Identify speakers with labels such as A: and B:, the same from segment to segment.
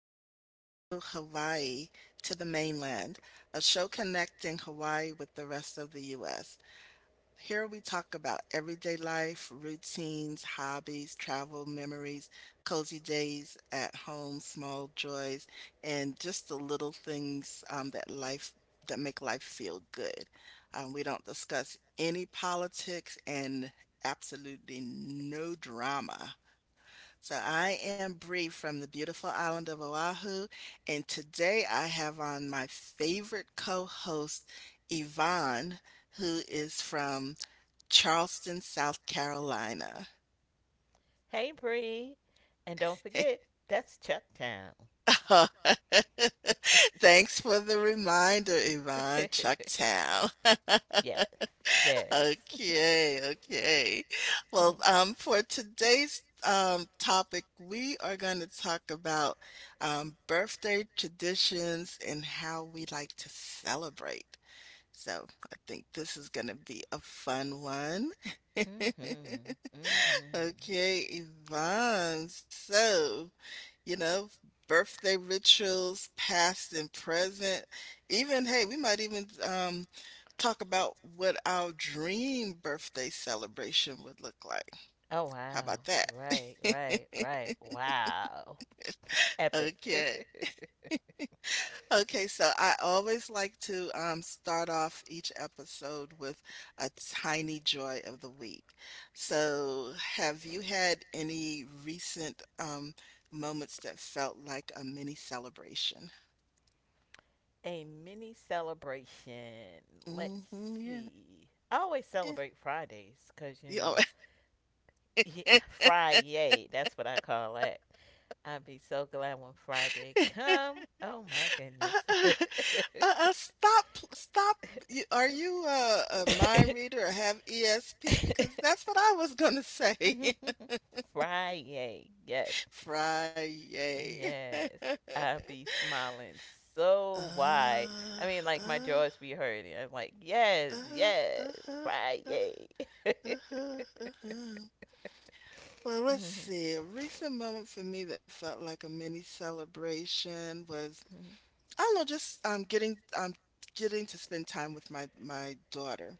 A: and welcome to Hawaii to the mainland, a show connecting Hawaii with the rest of the U.S. Here we talk about everyday life, routines, hobbies, travel memories, cozy days at home, small joys, and just the little things that make life feel good. We don't discuss any politics and absolutely no drama. So I am Bree from the beautiful island of Oahu, and today I have on my favorite co-host, Yvonne, who is from Charleston, South Carolina.
B: Hey, Bree. And don't forget, that's Chucktown. Thanks
A: Thanks for the reminder,
B: the
A: Yvonne.
B: reminder. It
A: Chucktown.
B: yes. Yes.
A: Okay, okay. Well,
B: Well,
A: for today's topic, we are going to talk about birthday traditions and how we like to celebrate. So I think this is going to be a fun one.
B: to talk about mhm. Mhm.
A: Okay, Yvonne. So you know, birthday rituals, past and present. Even, hey, we might even talk about what our dream birthday celebration would look like.
B: Oh
A: How about
B: wow.
A: that?
B: Right, right, right. Wow. Epic.
A: Okay. Okay, so I always like to start off each episode with a tiny joy of the week. So, have you had any recent moments that felt like a mini celebration?
B: A mini celebration. Let's
A: Hmm, yeah.
B: see. I always
A: Eh,
B: celebrate Fridays because, you
A: You know,
B: know, yeah, Friday, that's what I call it. I'd be so glad when Friday come. Oh my
A: uh,
B: goodness.
A: uh, stop, stop. Are you a mind reader or have ESP? Because that's what I was going to say.
B: Friday, yes.
A: Friday.
B: Yes, I'll be smiling
A: uh,
B: so wide.
A: uh,
B: I mean, like my
A: uh,
B: jaws be hurting. I'm like, yes,
A: uh,
B: yes,
A: uh,
B: Friday.
A: uh, uh, uh. Well, let's
B: Mhm.
A: see. A recent moment for me that felt like a mini celebration was, I don't know, just getting to spend time with my daughter.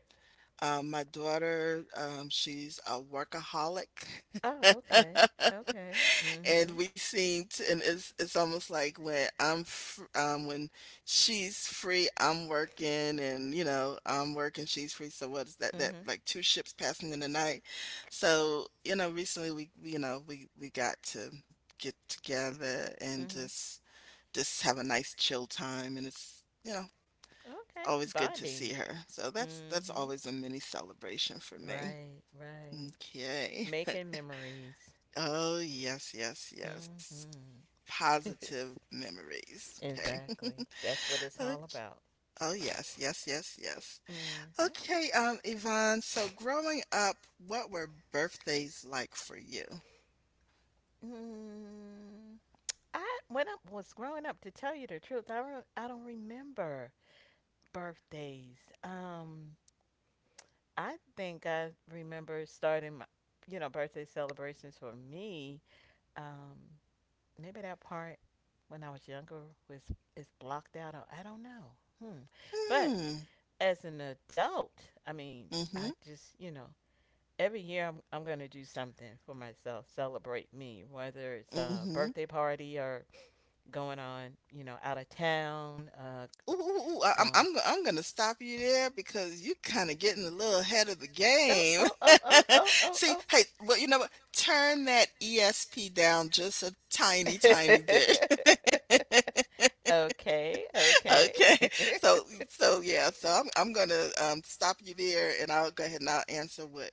A: My daughter, she's a workaholic.
B: Oh, okay, okay.
A: And
B: Mhm,
A: we seem to, and it's almost like when I'm fr when she's free, I'm working, and you know I'm working, she's free. So what is that? That
B: mhm,
A: like two ships passing in the night. So you know, recently we, you know we got to get together and
B: mhm.
A: just have a nice chill time, and it's you know
B: Okay,
A: always good to see
B: bonding.
A: her. So that's
B: Mhm.
A: always a mini celebration for me.
B: Right, right.
A: Okay.
B: Making memories.
A: Oh, yes, yes, yes.
B: Mhm.
A: Positive memories. Okay.
B: exactly. That's what it's
A: Okay.
B: all about.
A: Oh, yes, yes, yes, yes.
B: Mhm.
A: Okay, Yvonne, so growing up, what were birthdays like for you?
B: Mm, I when I was growing up, to tell you the truth, I don't remember birthdays. I think I remember starting my, you know, birthday celebrations for me. Um, maybe that part when I was younger was is blocked out. Or, I don't know. Hmm. But
A: Hmm.
B: as an adult, I mean, I
A: Mm-hmm.
B: just you know. Every year, I'm going to do something for myself, celebrate me, whether it's a
A: Mm-hmm.
B: birthday party or going on, you know, out of town, go,
A: Ooh, ooh, ooh, I- I'm
B: going,
A: I'm I'm gonna stop you there because you kind of getting a little ahead of the
B: oh,
A: game.
B: oh, oh, oh, oh, oh,
A: See,
B: oh.
A: hey, well, you know what? Turn that ESP down just a tiny, tiny bit.
B: Okay, okay.
A: Okay, so so yeah, so I'm gonna stop you there, and I'll go ahead and I'll answer what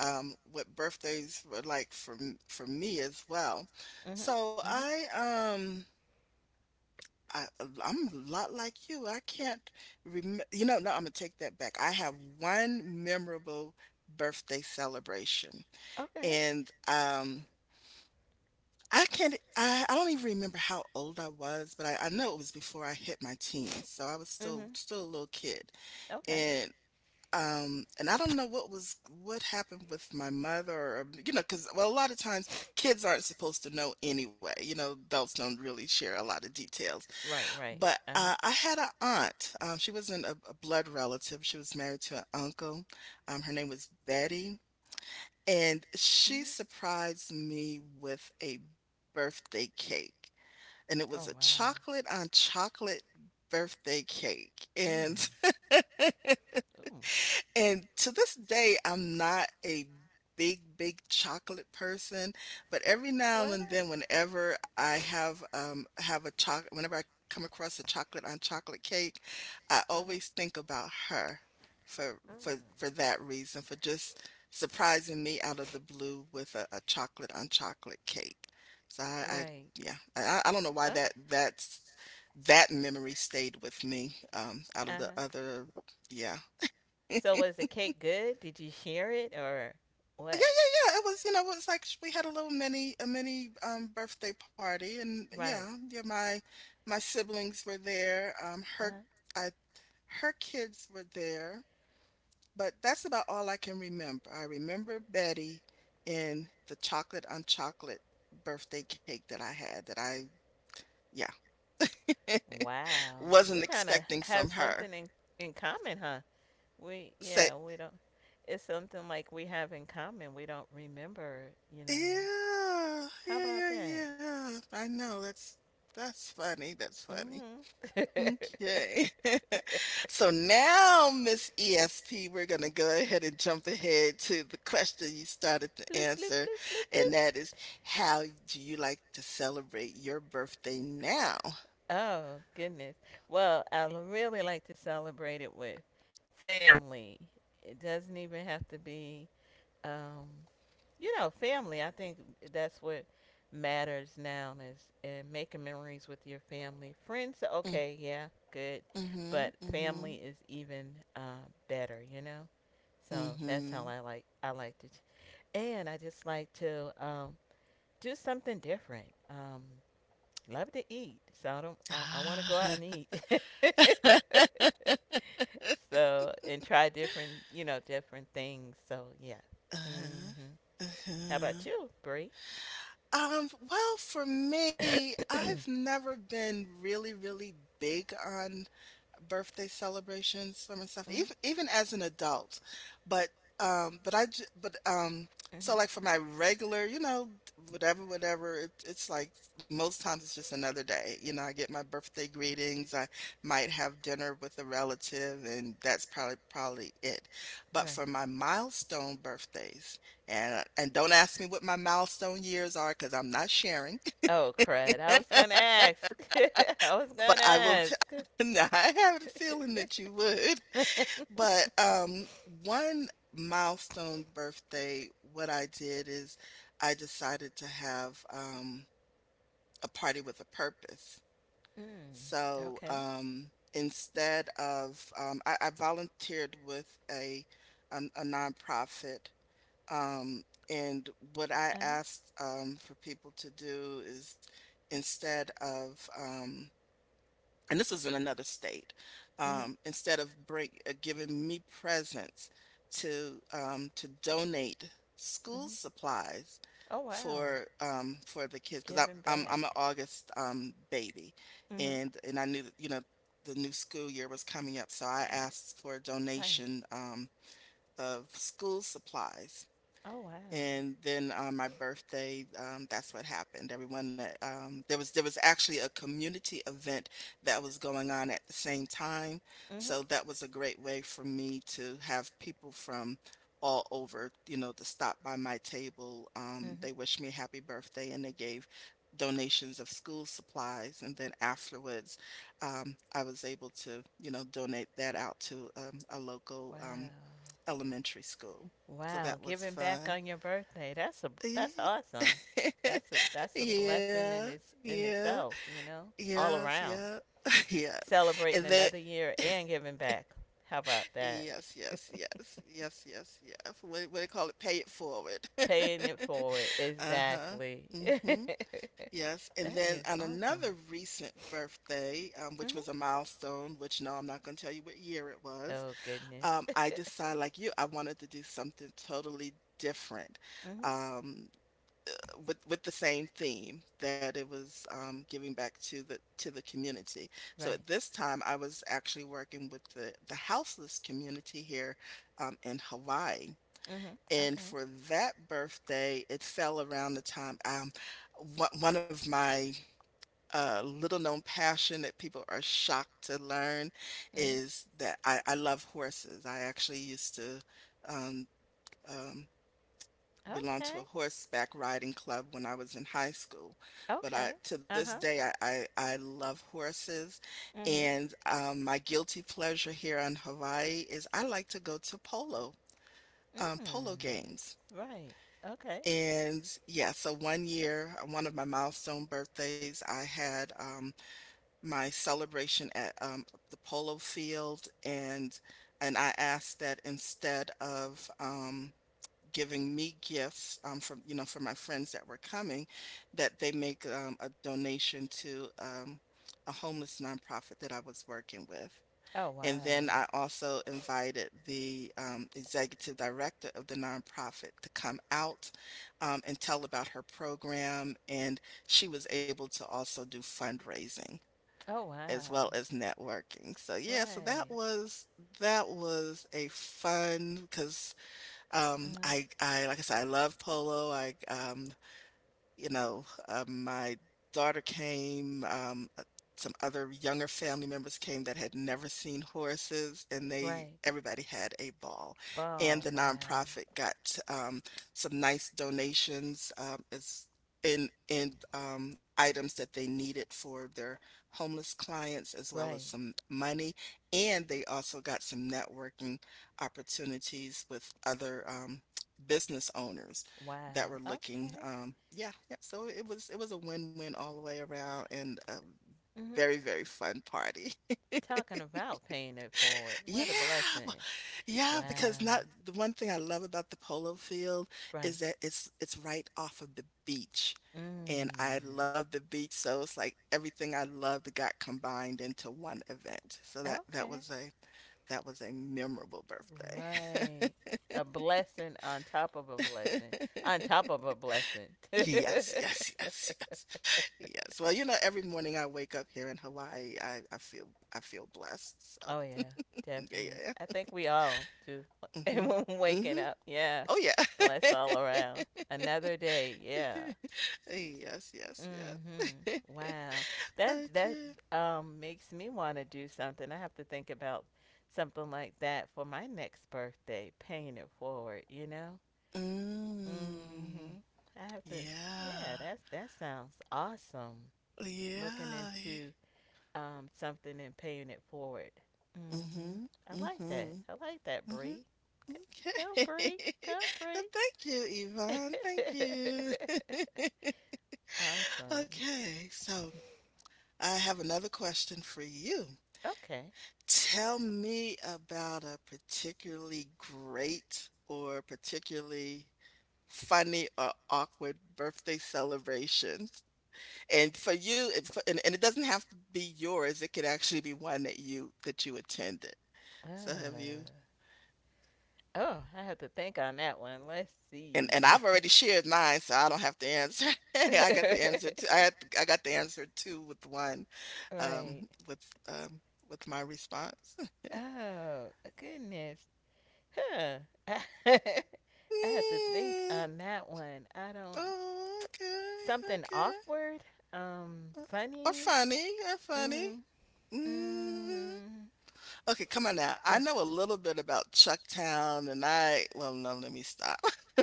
A: um what birthdays were like for for me as well.
B: Mhm,
A: So
B: mhm.
A: I I'm a lot like you. I can't remember. You know, no, I'm gonna take that back. I have one memorable birthday celebration,
B: Okay.
A: and I can't. I don't even remember how old I was, but I know it was before I hit my teens, so I was still
B: Mhm.
A: still a little kid,
B: Okay.
A: and. And I don't know what was what happened with my mother, or you know, because well, a lot of times kids aren't supposed to know anyway. You know, adults don't really share a lot of details.
B: Right, right.
A: But,
B: Uh-huh.
A: I had an aunt, she wasn't a blood relative, she was married to an uncle, her name was Betty, and she
B: Mhm.
A: surprised me with a birthday cake, and it was a
B: Oh, wow.
A: chocolate on chocolate birthday cake,
B: Mm.
A: and
B: Ooh.
A: And to this day, I'm not a big, big chocolate person, but every
B: Why
A: now
B: not?
A: and then, whenever I have a chocolate, whenever I come across a chocolate on chocolate cake, I
B: Mhm.
A: always think about her for for
B: Mm.
A: for that reason, for just surprising me out of the blue with a chocolate on chocolate cake. So I
B: Right.
A: yeah, I don't know why
B: Okay.
A: that that memory stayed with me out of
B: Uh
A: the
B: huh.
A: other, yeah.
B: So was the cake good? Did you share it or
A: Yeah,
B: what?
A: yeah, yeah. It was, you know, it was like we had a little mini a mini birthday party and yeah,
B: Right.
A: yeah, my siblings were there.
B: Uh huh.
A: I Her kids were there, but that's about all I can remember. I remember Betty in the chocolate on chocolate birthday cake that I had that I yeah,
B: Wow. We
A: wasn't
B: kind of
A: expecting
B: have
A: from her.
B: something in common, huh? We
A: Say,
B: yeah. We don't. It's something like we have in common. We don't remember. You know.
A: yeah,
B: How
A: yeah,
B: about
A: yeah,
B: that?
A: yeah. I know that's funny. That's funny.
B: Mm-hmm.
A: Okay. So now, Miss ESP, we're going to go ahead and jump ahead to the question you started to
B: bloop bloop
A: answer,
B: bloop bloop
A: and
B: bloop.
A: that is, how do you like to celebrate your birthday now?
B: Oh goodness. Well, I really like to celebrate it with family. It doesn't even have to be um, you know, family. I think that's what matters now is and making memories with your family. Friends,
A: Mm,
B: okay, yeah, good,
A: mhm,
B: but family
A: mhm,
B: is even better. You know, so that's how
A: mhm.
B: I like to, and I just like to do something different. Love to eat, so I don't. I want to go out
A: Ah,
B: and eat. So and try different, you know, different things. So yeah.
A: uh-huh,
B: Hmm, how about
A: uh-huh.
B: you, Bree?
A: Well, for me,
B: hmm
A: I've never been really, really big on birthday celebrations, summer stuff,
B: hmm
A: even even as an adult. But um, but I j- but um, so like for my regular, you know, it's like most times it's just another day. You know, I get my birthday greetings. I might have dinner with a relative, and that's probably it. But
B: Right.
A: for my milestone birthdays, and don't ask me what my milestone years are because 'cause I'm not sharing.
B: Oh, crud. I was going to ask. I was going
A: But
B: to
A: I will
B: ask.
A: t Nah, I have a feeling that you would. But, one milestone birthday, what I did is I decided to have, a party with a purpose.
B: Mm,
A: So,
B: okay.
A: instead of, I volunteered with a nonprofit. Um, and what I
B: Uh-huh.
A: asked for people to do is instead of, um, and this is in another state,
B: hmm
A: giving me presents to donate school
B: hmm
A: supplies
B: Oh, wow.
A: for the kids because
B: Giving
A: I'm an
B: back.
A: August baby,
B: Hmm
A: and I knew that you know the new school year was coming up, so I asked for a
B: Right.
A: donation of school supplies
B: Oh, wow.
A: and then on my birthday, that's what happened. Everyone that there was actually a community event that was going on at the same time. So
B: hmm
A: that was a great way for me to have people from all over, you know, to stop by my table.
B: hmm
A: They wished me a happy birthday and they gave donations of school supplies. And then afterwards, I was able to, you know, donate that out to a
B: Wow.
A: local elementary school. So
B: Wow,
A: that was
B: giving back
A: fun.
B: on your birthday. That's a that's
A: Ye
B: awesome. That's a blessing
A: Yeah,
B: in its in
A: yeah,
B: itself, you know? All
A: yes,
B: around.
A: yeah, yeah,
B: Celebrating
A: and then
B: another year and giving back. How about that?
A: yes, yes, yes, yes, yes, yes. What do they call it? Pay it forward.
B: Paying it forward.
A: Uh-huh.
B: Exactly.
A: Mm-hmm. Yes. And
B: That
A: then
B: is
A: on
B: awesome.
A: another recent birthday, which
B: Hmm
A: was a milestone, which no, I'm not gonna tell you what year it was.
B: Oh goodness.
A: I decided like you, I wanted to do something totally different.
B: Mhm.
A: Um, with with the same theme that it was giving back to the community. So
B: Right.
A: at this time, I was actually working with the houseless community here in Hawaii.
B: Mhm.
A: And
B: Okay.
A: for that birthday, it fell around the time one of my little known passion that people are shocked to learn
B: Mhm.
A: is that I love horses. I actually used to um, um, belonged to a
B: Okay.
A: horseback riding club when I was in high school. But I,
B: Okay.
A: to this
B: Uh-huh.
A: day, I love horses.
B: Mhm.
A: And my guilty pleasure here on Hawaii is I like to go to polo, polo
B: Mm.
A: games.
B: Right. Okay.
A: And yeah, so one year, on one of my milestone birthdays, I had my celebration at the polo field, and I asked that instead of giving me gifts from you know from my friends that were coming that they make a donation to a homeless nonprofit that I was working with.
B: Oh
A: And
B: wow.
A: then I also invited the executive director of the nonprofit to come out and tell about her program. And she was able to also do fundraising
B: Oh
A: as well
B: wow.
A: as networking. So yeah, so
B: Right.
A: that was a fun because
B: Uh,
A: I like I said, I love polo. I you know, my daughter came, some other younger family members came that had never seen horses, and they
B: right.
A: everybody had a ball. And
B: Ball.
A: the
B: Wow.
A: nonprofit got um, some nice donations as in items that they needed for their homeless clients, as well as
B: Right.
A: some money. And they also got some networking opportunities with other business owners that
B: Wow.
A: were looking.
B: Okay.
A: Yeah, yeah. So it was a win-win all the way around and
B: T-
A: a
B: mhm.
A: very, very fun party.
B: Talking about paying it forward.
A: Yeah,
B: What a
A: w-
B: blessing.
A: yeah,
B: Wow.
A: because not the one thing I love about the polo field
B: Right.
A: is that it's right off of the beach. And I
B: Mm.
A: love the beach, so it's like everything I loved got combined into one event. So
B: Okay.
A: that was a memorable birthday.
B: Right. A blessing on top of a blessing. On top of a blessing.
A: Yes, yes, yes, yes, yes. Every morning I wake up here in Hawaii, I feel blessed. So
B: Oh yeah, definite.
A: yeah,
B: I think we all do.
A: mm-hmm,
B: Everyone waking
A: mm-hmm.
B: up, yeah,
A: Oh yeah.
B: bless all around. Another day, yeah.
A: Yes, yes, yes.
B: Mhm. Wow. That
A: Okay.
B: makes me want to do something. I have to think about something like that for my next birthday, paying it forward, you know?
A: Mm,
B: Mhm. I have to Yeah,
A: yeah,
B: that's that sounds awesome. Looking
A: yeah, yeah.
B: into something and paying it forward. Hmm
A: Mm-hmm,
B: I like
A: mm-hmm,
B: that. I like that,
A: mm-hmm.
B: Bree. Go,
A: Okay.
B: Bree. Go,
A: Well,
B: Bree.
A: thank you, Yvonne. Thank you.
B: Awesome.
A: Okay, so I have another question for you.
B: Okay.
A: Tell me about a particularly great or particularly funny or awkward birthday celebration. And for you, it, for- and it doesn't have to be yours. It could actually be one that you attended.
B: Uh,
A: So have you?
B: oh, I have to think on that one. Let's
A: And
B: see.
A: I've already shared mine, so I don't have to answer. I got the answer too. I got the answer too with one
B: Right.
A: um with um with my response.
B: Oh, goodness. Huh. I have to think
A: Mm.
B: on that one. I don't.
A: Oh, okay,
B: Something
A: okay.
B: awkward?
A: Uh, Or
B: Funny?
A: funny, or funny.
B: Mm-hmm.
A: hmm
B: Mm-hmm.
A: Okay, come on now. I
B: What?
A: know a little bit about Chucktown, and I well, no, let me stop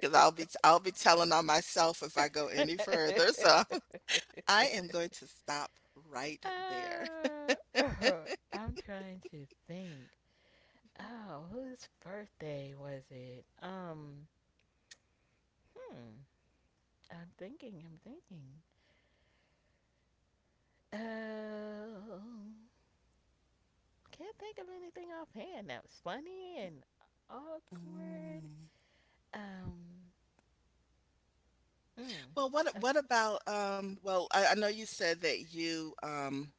A: because I'll be telling on myself if I go any further. So I am going to stop right there.
B: Uh, I'm trying to think. Oh, whose birthday was it? Hmm. I'm thinking, I'm thinking. Oh, can't think of anything offhand that was funny and awkward.
A: Mm.
B: Um, mm,
A: Well, what
B: uh,
A: what about Well, I know you said that you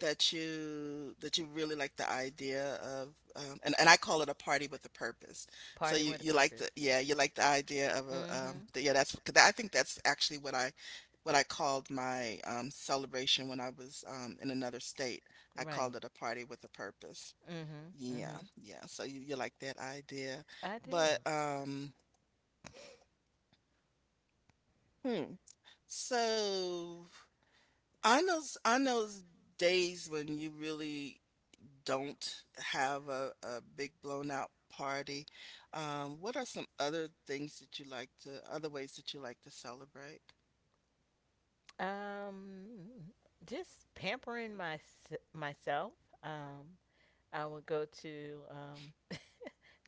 A: that you really like the idea of and, I call it a party with a purpose. So
B: party
A: you
B: with a
A: you like
B: purpose.
A: the yeah, you like the idea of
B: Mm-hmm.
A: yeah, that's 'cause I think that's actually what I called my celebration when I was in another state. I
B: Right.
A: called it a party with a purpose.
B: Mm-hmm.
A: Yeah,
B: Mm-hmm.
A: yeah. So you like that idea.
B: I do.
A: But hmm. So on those days when you really don't have a big blown out party. What are some other things that you like to, other ways that you like to celebrate?
B: Um, just pampering my myself. Um, I would go to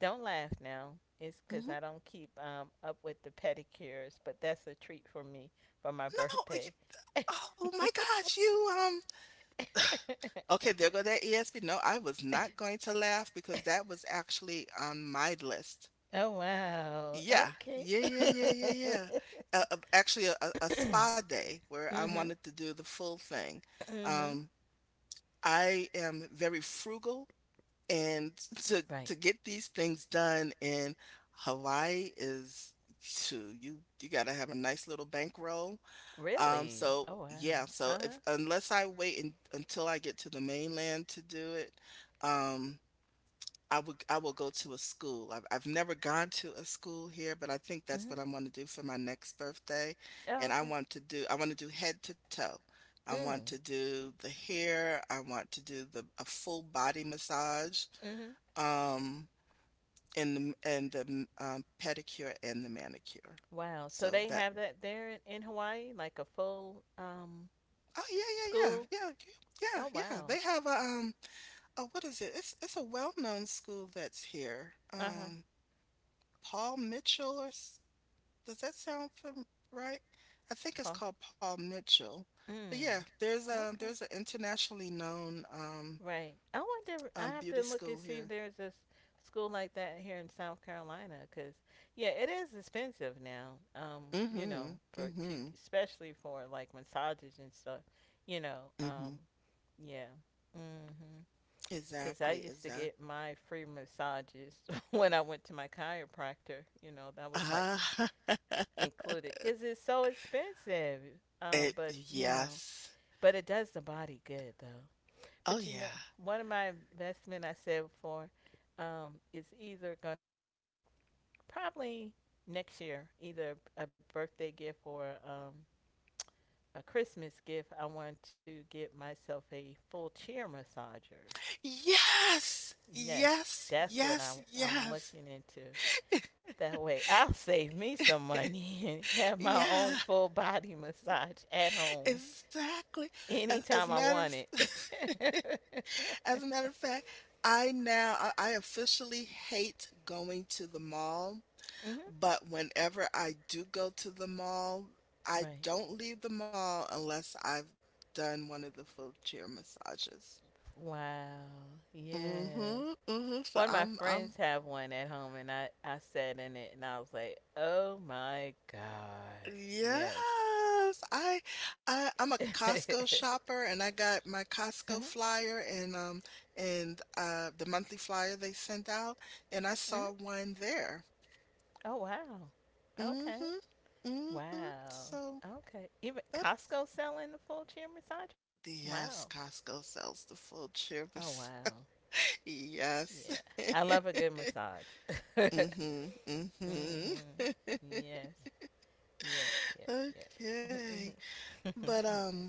B: don't laugh now. It's because
A: hmm
B: I don't keep up with the pedicures, but that's a treat for me for my
A: No, you,
B: birthday.
A: oh my gosh, you, okay, there go that ESP. No, I was not going to laugh because that was actually on my list.
B: Oh wow.
A: Yeah,
B: Okay.
A: yeah, yeah, yeah, yeah, yeah. Actually, a spa day where I
B: Mhm.
A: wanted to do the full thing.
B: Mhm.
A: Um, I am very frugal. And
B: Right.
A: to get these things done in Hawaii is shoot, you gotta have a nice little bankroll.
B: Really?
A: So
B: Oh
A: yeah,
B: wow.
A: so
B: Uh
A: if
B: huh.
A: unless I until I get to the mainland to do it, um, I will go to a school. I've never gone to a school here, but I think that's what
B: Mhm.
A: I want to do for my next birthday.
B: Oh
A: And
B: okay.
A: I want to do head to toe. I want to
B: Mm.
A: do the hair. I want to do the a full body massage,
B: Mhm.
A: um, and the pedicure and the manicure.
B: Wow. So
A: So
B: they
A: that
B: have that there in Hawaii, like a full
A: Oh yeah, yeah,
B: school.
A: yeah, yeah, yeah,
B: Oh
A: yeah, yeah.
B: wow.
A: They have a um oh what is it, it's a well-known school that's here.
B: Uh huh.
A: Paul Mitchell or does that sound right, I think it's
B: Paul.
A: called Paul Mitchell, but yeah
B: Mm. Okay.
A: there's an internationally known
B: Right. I wonder. I have
A: beauty
B: to look
A: school
B: and see if
A: here.
B: there's a s- school like that here in South Carolina, because yeah, it is expensive now. You know,
A: Mm-hmm,
B: for to
A: mm-hmm,
B: especially for like massages and stuff. You know.
A: mm-hmm,
B: Yeah. Mhm. Because I
A: exactly,
B: used to
A: exactly.
B: get my free massages when I went to my chiropractor. You know, that was like
A: Ah.
B: included because it's so expensive.
A: It,
B: But you know,
A: yes.
B: but it does the body good though.
A: Oh,
B: But you
A: yeah.
B: know, one of my investment I said before is either going to be probably next year, either a birthday gift or a Christmas gift. I want to get myself a full chair massager.
A: Yes!
B: Yes,
A: Yes,
B: that's what
A: yes,
B: I'm
A: yes.
B: looking into. That way, I'll save me some money and have my
A: Yeah,
B: own full body massage at home
A: exactly. As a
B: anytime I
A: matter of
B: want it.
A: As a matter of fact, I now I officially hate going to the mall,
B: hmm
A: but whenever I do go to the mall, I
B: Right.
A: don't leave the mall unless I've done one of the full chair massages.
B: Wow. Yes.
A: Mhm, mhm. So
B: One of my
A: I'm
B: friends have one at home, and I sat in it and I was like, oh my gosh. Yes.
A: yes, I I'm a Costco shopper and I got my
B: hmm
A: Costco flyer and the monthly flyer they sent out and I
B: hmm
A: saw one there.
B: Oh, wow. Okay.
A: Mm-hmm. Mm-hmm.
B: Wow.
A: So
B: Okay. Even
A: that
B: Costco selling the full chair massagers?
A: is
B: Wow.
A: Yes, Costco sells the full
B: Oh
A: chips.
B: wow.
A: Yes.
B: Yeah. I love a good massage. Mhm.
A: Mm-hmm. Mm-hmm.
B: Yes. Yes, yes,
A: Okay.
B: yes.
A: But
B: Mhm.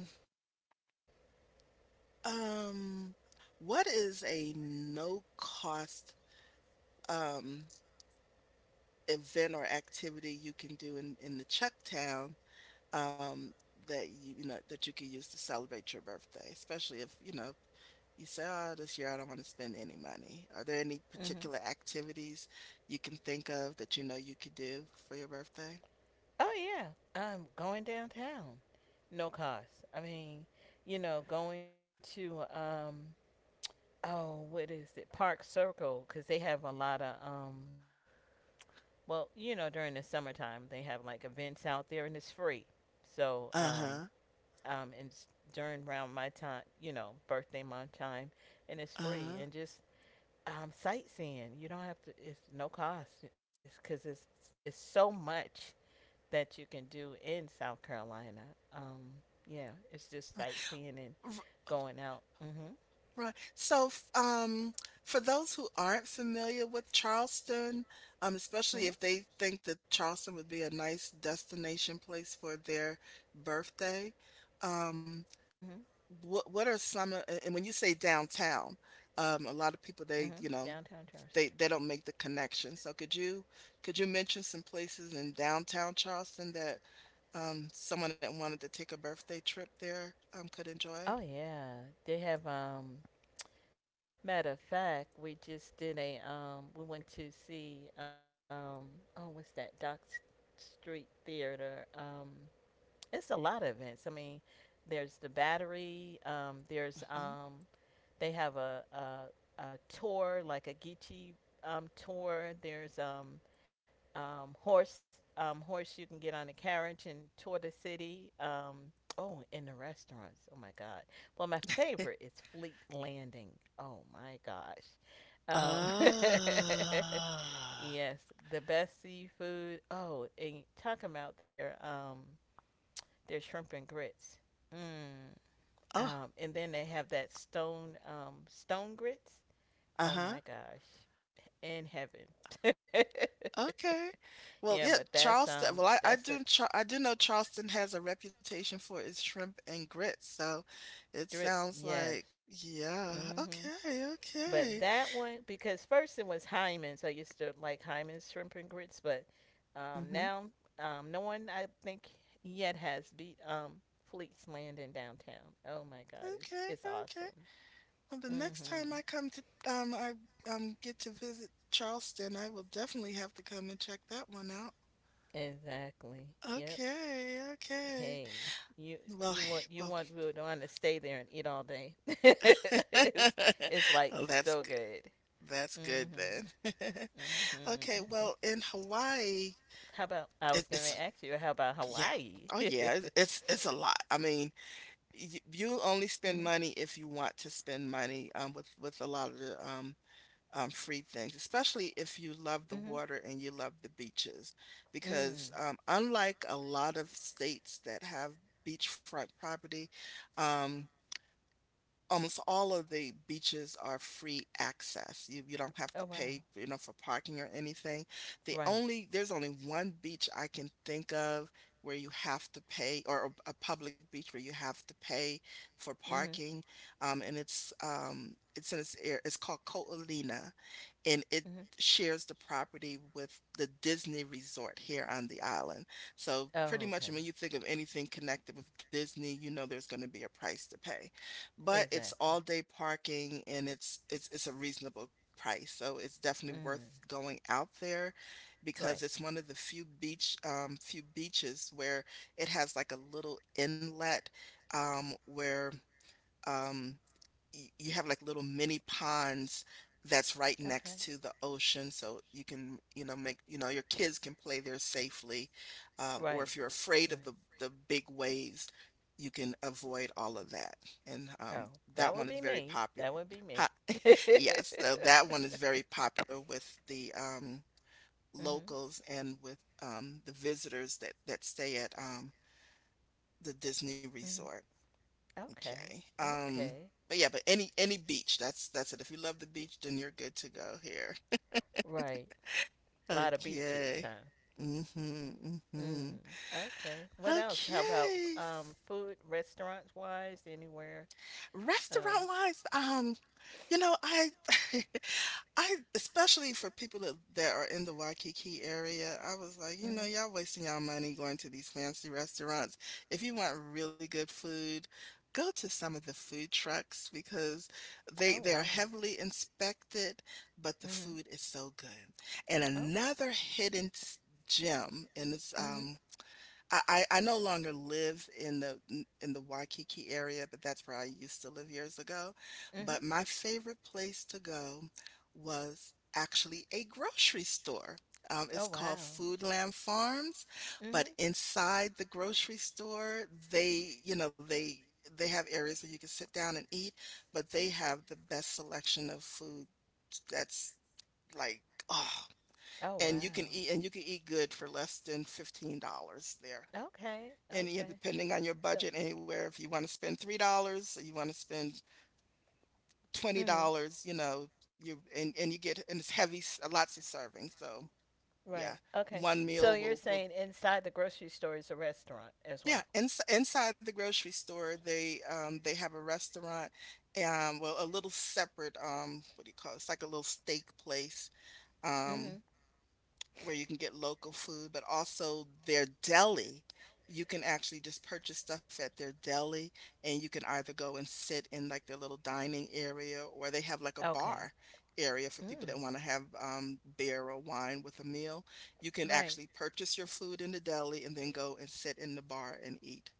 A: Um, what is a no cost um event or activity you can do in the Chucktown um that you know that you can use to celebrate your birthday, especially if you know you say, "Oh, this year I don't want to spend any money." Are there any
B: Mhm.
A: particular activities you can think of that you know you could do for your birthday?
B: Oh yeah. Going downtown. No cost. I mean, you know, going to oh, what is it? Park Circle cuz they have a lot of well, you know, during the summertime they have like events out there and it's free. So,
A: Uh-huh.
B: and s- during around my time, you know, birthday month time, and it's
A: Uh-huh.
B: free and just sightseeing. You don't have to. It's no cost. It's because it's so much that you can do in South Carolina. Yeah, it's just sightseeing and going out. Mm-hmm.
A: Right. So, for those who aren't familiar with Charleston, especially if
B: Mm-hmm.
A: they think that Charleston would be a nice destination place for their birthday, um,
B: Mm-hmm.
A: what are some of, and when you say downtown, a lot of people
B: Mm-hmm. Downtown Charleston.
A: they don't make the connection. So could you mention some places in downtown Charleston that someone that wanted to take a birthday trip there could enjoy?
B: Oh yeah, they have matter of fact, we just did a we went to see oh what's that Doc S- Street Theater. It's a lot of events. I mean, there's the Battery, there's
A: Mhm.
B: they have a tour like a Geechee tour. There's horse you can get on a carriage and tour the city. Oh, in the restaurants. Oh my God. Well, my favorite is Fleet Landing. Oh my gosh.
A: Oh.
B: Um, yes, the best seafood. Oh, and talking about their shrimp and grits. Mm.
A: Oh,
B: And then they have that stone grits. Oh
A: uh-huh.
B: my gosh, in heaven.
A: Okay. Well,
B: Yeah,
A: yeah,
B: but
A: Charleston. Well, I
B: that's
A: do
B: a
A: Char- I do know Charleston has a reputation for its shrimp and grits, so it
B: Dritz,
A: sounds
B: yes.
A: like
B: mm hmm
A: yeah. Okay,
B: But that
A: okay.
B: one, because first it was Hyman's. I used to like Hyman's shrimp and grits, but now
A: Hmm.
B: no one I think yet has beat Fleet's Landing downtown. Oh my God,
A: Okay,
B: it's
A: okay.
B: awesome.
A: Well, the
B: Mm
A: next
B: hmm
A: time I come to I get to visit Charleston, I will definitely have to come and check that one out.
B: Exactly. Yep.
A: Okay, okay.
B: Hey, you
A: Well,
B: you
A: well,
B: want Rodon to stay there and eat all day. it's it's like
A: well, that's
B: so
A: good.
B: good.
A: That's good then.
B: Mhm.
A: Okay,
B: Mhm.
A: well, in Hawaii,
B: How about I
A: it,
B: was gonna
A: it's
B: ask you? How about
A: yeah.
B: Hawaii?
A: Oh yeah, it,
B: Mhm.
A: it's a lot. I mean, you only spend money if you want to spend money, with a lot of the free things, especially if you love the
B: Mhm.
A: water and you love the beaches, because
B: Mm.
A: unlike a lot of states that have beachfront property, um, almost all of the beaches are free access. You don't have to
B: Oh
A: pay,
B: wow.
A: you know, for parking or anything.
B: Right.
A: There's only one beach I can think of where you have to pay, or a public beach where you have to pay for
B: Mhm.
A: parking. And it's in this air. It's called Ko'olina, and it
B: Mhm.
A: shares the property with the Disney Resort here on the island. So
B: Oh
A: pretty much
B: okay.
A: when you think of anything connected with Disney, you know there's going to be a price to pay. But it's
B: Exactly.
A: all-day parking and it's a reasonable price, so it's definitely worth
B: Mm.
A: going out there because
B: Right.
A: it's one of the few beach, few beaches where it has, like, a little inlet, um, where, um you have like little mini ponds that's right
B: Okay.
A: next to the ocean so you can, you know, make, you know, your kids can play there safely, or
B: Right.
A: if you're afraid of
B: Right.
A: the big waves you can avoid all of that, and
B: Oh,
A: that
B: that
A: one
B: would
A: is
B: be
A: very
B: me.
A: popular.
B: That would be me.
A: Yes, so that one is very popular with the
B: Mhm.
A: locals and with, the visitors that that stay at the Disney
B: Mhm.
A: Resort. Okay.
B: Okay. Okay.
A: But yeah, but any beach, that's it. If you love the beach, then you're good to go here.
B: Right. A lot of beaches,
A: Okay.
B: huh?
A: Mm-hmm. Mm-hmm.
B: Mm. Okay. What else? How about
A: Okay.
B: food, restaurants wise, anywhere?
A: Restaurant
B: Um.
A: wise, you know, I I, especially for people that that are in the Waikiki area, I was like, you know,
B: Mhm.
A: y'all wasting y'all money going to these fancy restaurants. If you want really good food, go to some of the food trucks because
B: Oh
A: they are
B: wow.
A: heavily inspected, but the food
B: Mhm.
A: is so good. And
B: Okay.
A: another hidden gem, and it's
B: Mhm.
A: I no longer live in the Waikiki area, but that's where I used to live years ago, but
B: Mhm.
A: my favorite place to go was actually a grocery store. It's
B: Oh
A: called
B: wow.
A: Foodland Farms, but
B: Mhm.
A: inside the grocery store, they, you know, they have areas where you can sit down and eat, but they have the best selection of food that's like, oh, and
B: Oh
A: you
B: wow.
A: can eat, and you can eat good for less than $15 there.
B: Okay.
A: And yeah,
B: Okay.
A: depending on your budget,
B: So.
A: anywhere if you want to spend $3, you want to spend twenty
B: Mhm.
A: dollars, you know, you and you get, and it's heavy, lots of servings. So yeah,
B: Right. Okay.
A: one
B: So
A: meal
B: you're
A: will will
B: saying inside the grocery store is a restaurant as
A: yeah.
B: well.
A: Inside the grocery store, they have a restaurant, well a little separate, what do you call it? It's like a little steak place. Um
B: Hmm
A: where you can get local food, but also their deli. You can actually just purchase stuff at their deli, and you can either go and sit in like their little dining area, or they have like a
B: Okay.
A: bar area for people
B: Mm.
A: that want to have, beer or wine with a meal. You can
B: Right.
A: actually purchase your food in the deli and then go and sit in the bar and eat.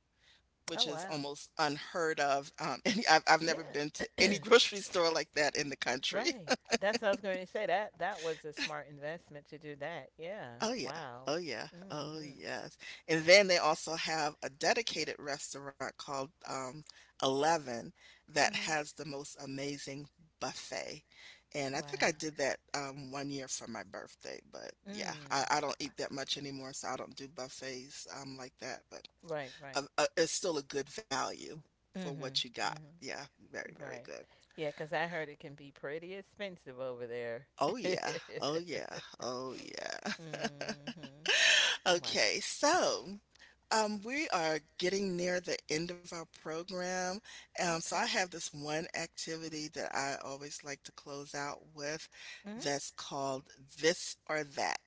A: Which
B: Oh
A: is
B: wow.
A: almost unheard of. Any, I've never
B: Yeah.
A: been to any grocery store like that in the country.
B: right. That's what I was going to say. That that was a smart investment to do that. Yeah.
A: Oh yeah.
B: Wow.
A: Oh yeah. Oh
B: Mm-hmm.
A: yes. And then they also have a dedicated restaurant called, Eleven, that
B: Mm-hmm.
A: has the most amazing buffet. And I
B: Wow.
A: think I did that, one year for my birthday, but yeah,
B: Mm.
A: I don't eat that much anymore, so I don't do buffets, like that. But
B: Right. Right.
A: it's still a good value for
B: Mm-hmm.
A: what you got. Yeah,
B: Mm-hmm.
A: very, very
B: Right.
A: good.
B: Yeah, because I heard it can be pretty expensive over there.
A: Oh yeah. Oh
B: Mm-hmm.
A: yeah. Oh yeah.
B: Wow.
A: Okay, so, we are getting near the end of our program. So I
B: Okay.
A: have this one activity that I always like to close out with
B: Mm-hmm.
A: that's called This or That.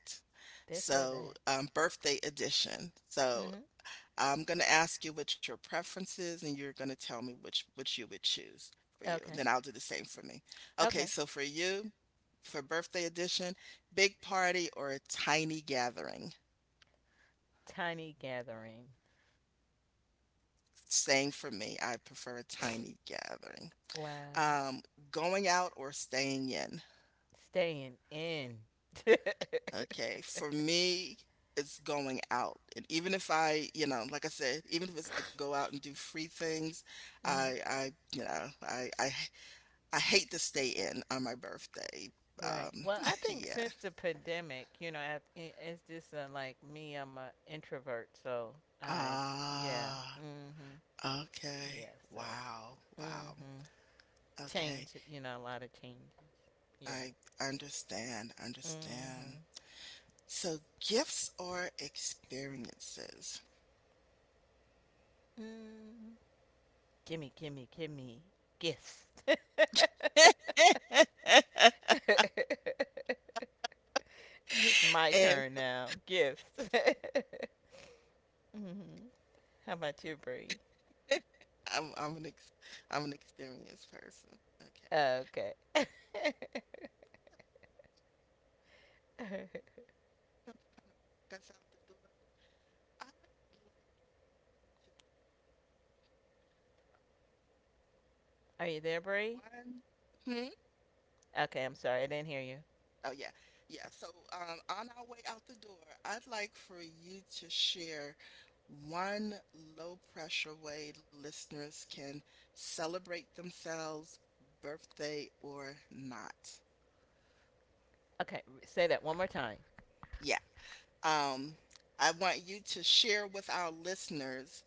B: This or
A: So,
B: that.
A: birthday edition. So
B: Mm-hmm.
A: I'm going to ask you what your preference is, and you're going to tell me which you would choose for you. Then
B: Okay.
A: I'll do the same for me. Okay,
B: Okay.
A: so for you, for birthday edition, big party or a tiny gathering?
B: Tiny gathering.
A: Same for me. I prefer a tiny gathering.
B: Wow.
A: Um, Going out or staying in?
B: Staying in.
A: Okay, for me, it's going out. And even if I, you know, like I said, even if it's to go out and do free things, I,
B: Mhm.
A: I, you know, I hate to stay in on my birthday.
B: Right.
A: Um,
B: Well, I think
A: yeah.
B: since the pandemic, you know, it's just like me. I'm an introvert, so I, yeah,
A: Ah,
B: mhm,
A: okay.
B: yeah. So,
A: Wow. Wow.
B: mhm,
A: Okay.
B: change. You know, a lot of change. Yeah.
A: I understand. Understand.
B: Mhm.
A: So gifts are experiences.
B: Mm. Gimme, gimme, gimme gifts. It's my
A: And
B: turn now. Gifts. hmm How about you, Bree?
A: I'm an I'm an experienced person. Okay.
B: Okay.
A: So that's out the door. I like
B: Are you there, Bree?
A: to one. Hmm?
B: Okay, I'm sorry, I didn't hear you.
A: Oh yeah. Yeah. So on our way out the door, I'd like for you to share one low pressure way listeners can celebrate themselves, birthday or not.
B: Okay, say that one more time.
A: Yeah. Um, I want you to share with our listeners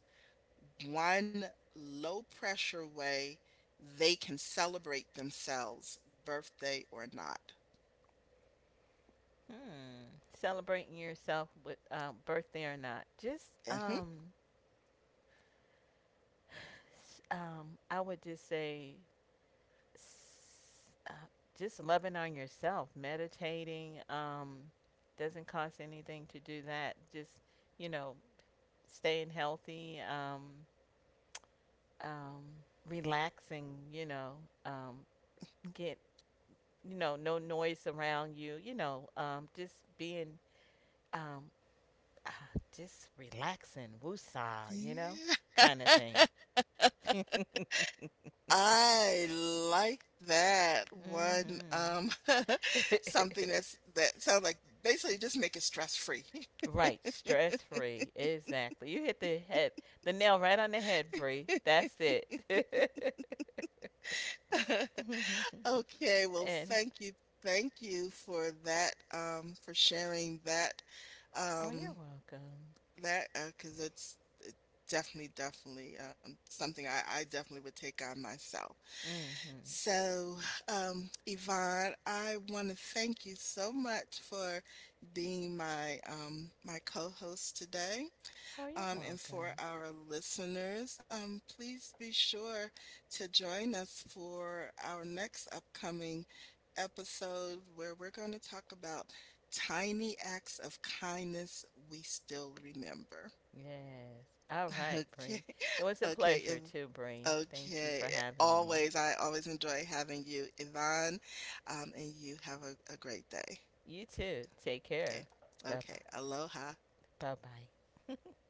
A: one low pressure way they can celebrate themselves, birthday or not.
B: Hmm. Celebrating yourself with birthday or not? Just
A: Mhm.
B: s- I would just say, s- uh, just loving on yourself, meditating. Doesn't cost anything to do that. Just you know, staying healthy, um, relaxing, you know, um, get, you know, no noise around you, you know, just being, um, uh, just relaxing, woosah, you know,
A: Yeah.
B: kind of thing. hmm
A: I like that one. Something that's that sounds like basically just make it stress free.
B: Right, stress free, exactly. You hit the head, the nail right on the head, Bree. That's it.
A: Okay, well,
B: And
A: thank you. Thank you for that, for sharing that.
B: oh, you're
A: Um,
B: welcome.
A: Because it's it definitely, definitely, something I definitely would take on myself.
B: Hmm
A: So, Yvonne, I wanna thank you so much for being my, my co-host today.
B: Oh, you're
A: And for
B: welcome.
A: our listeners, please be sure to join us for our next upcoming episode where we're gonna talk about tiny acts of kindness we still remember.
B: Yes. All right,
A: Okay.
B: Bree. It was a
A: Okay. If,
B: pleasure too, Bree. Thank you
A: okay.
B: for having me.
A: I always enjoy having you, Yvonne. And you have a great day.
B: You too. Take
A: Okay.
B: care. Bye
A: Okay. Aloha.
B: bye. Bye bye.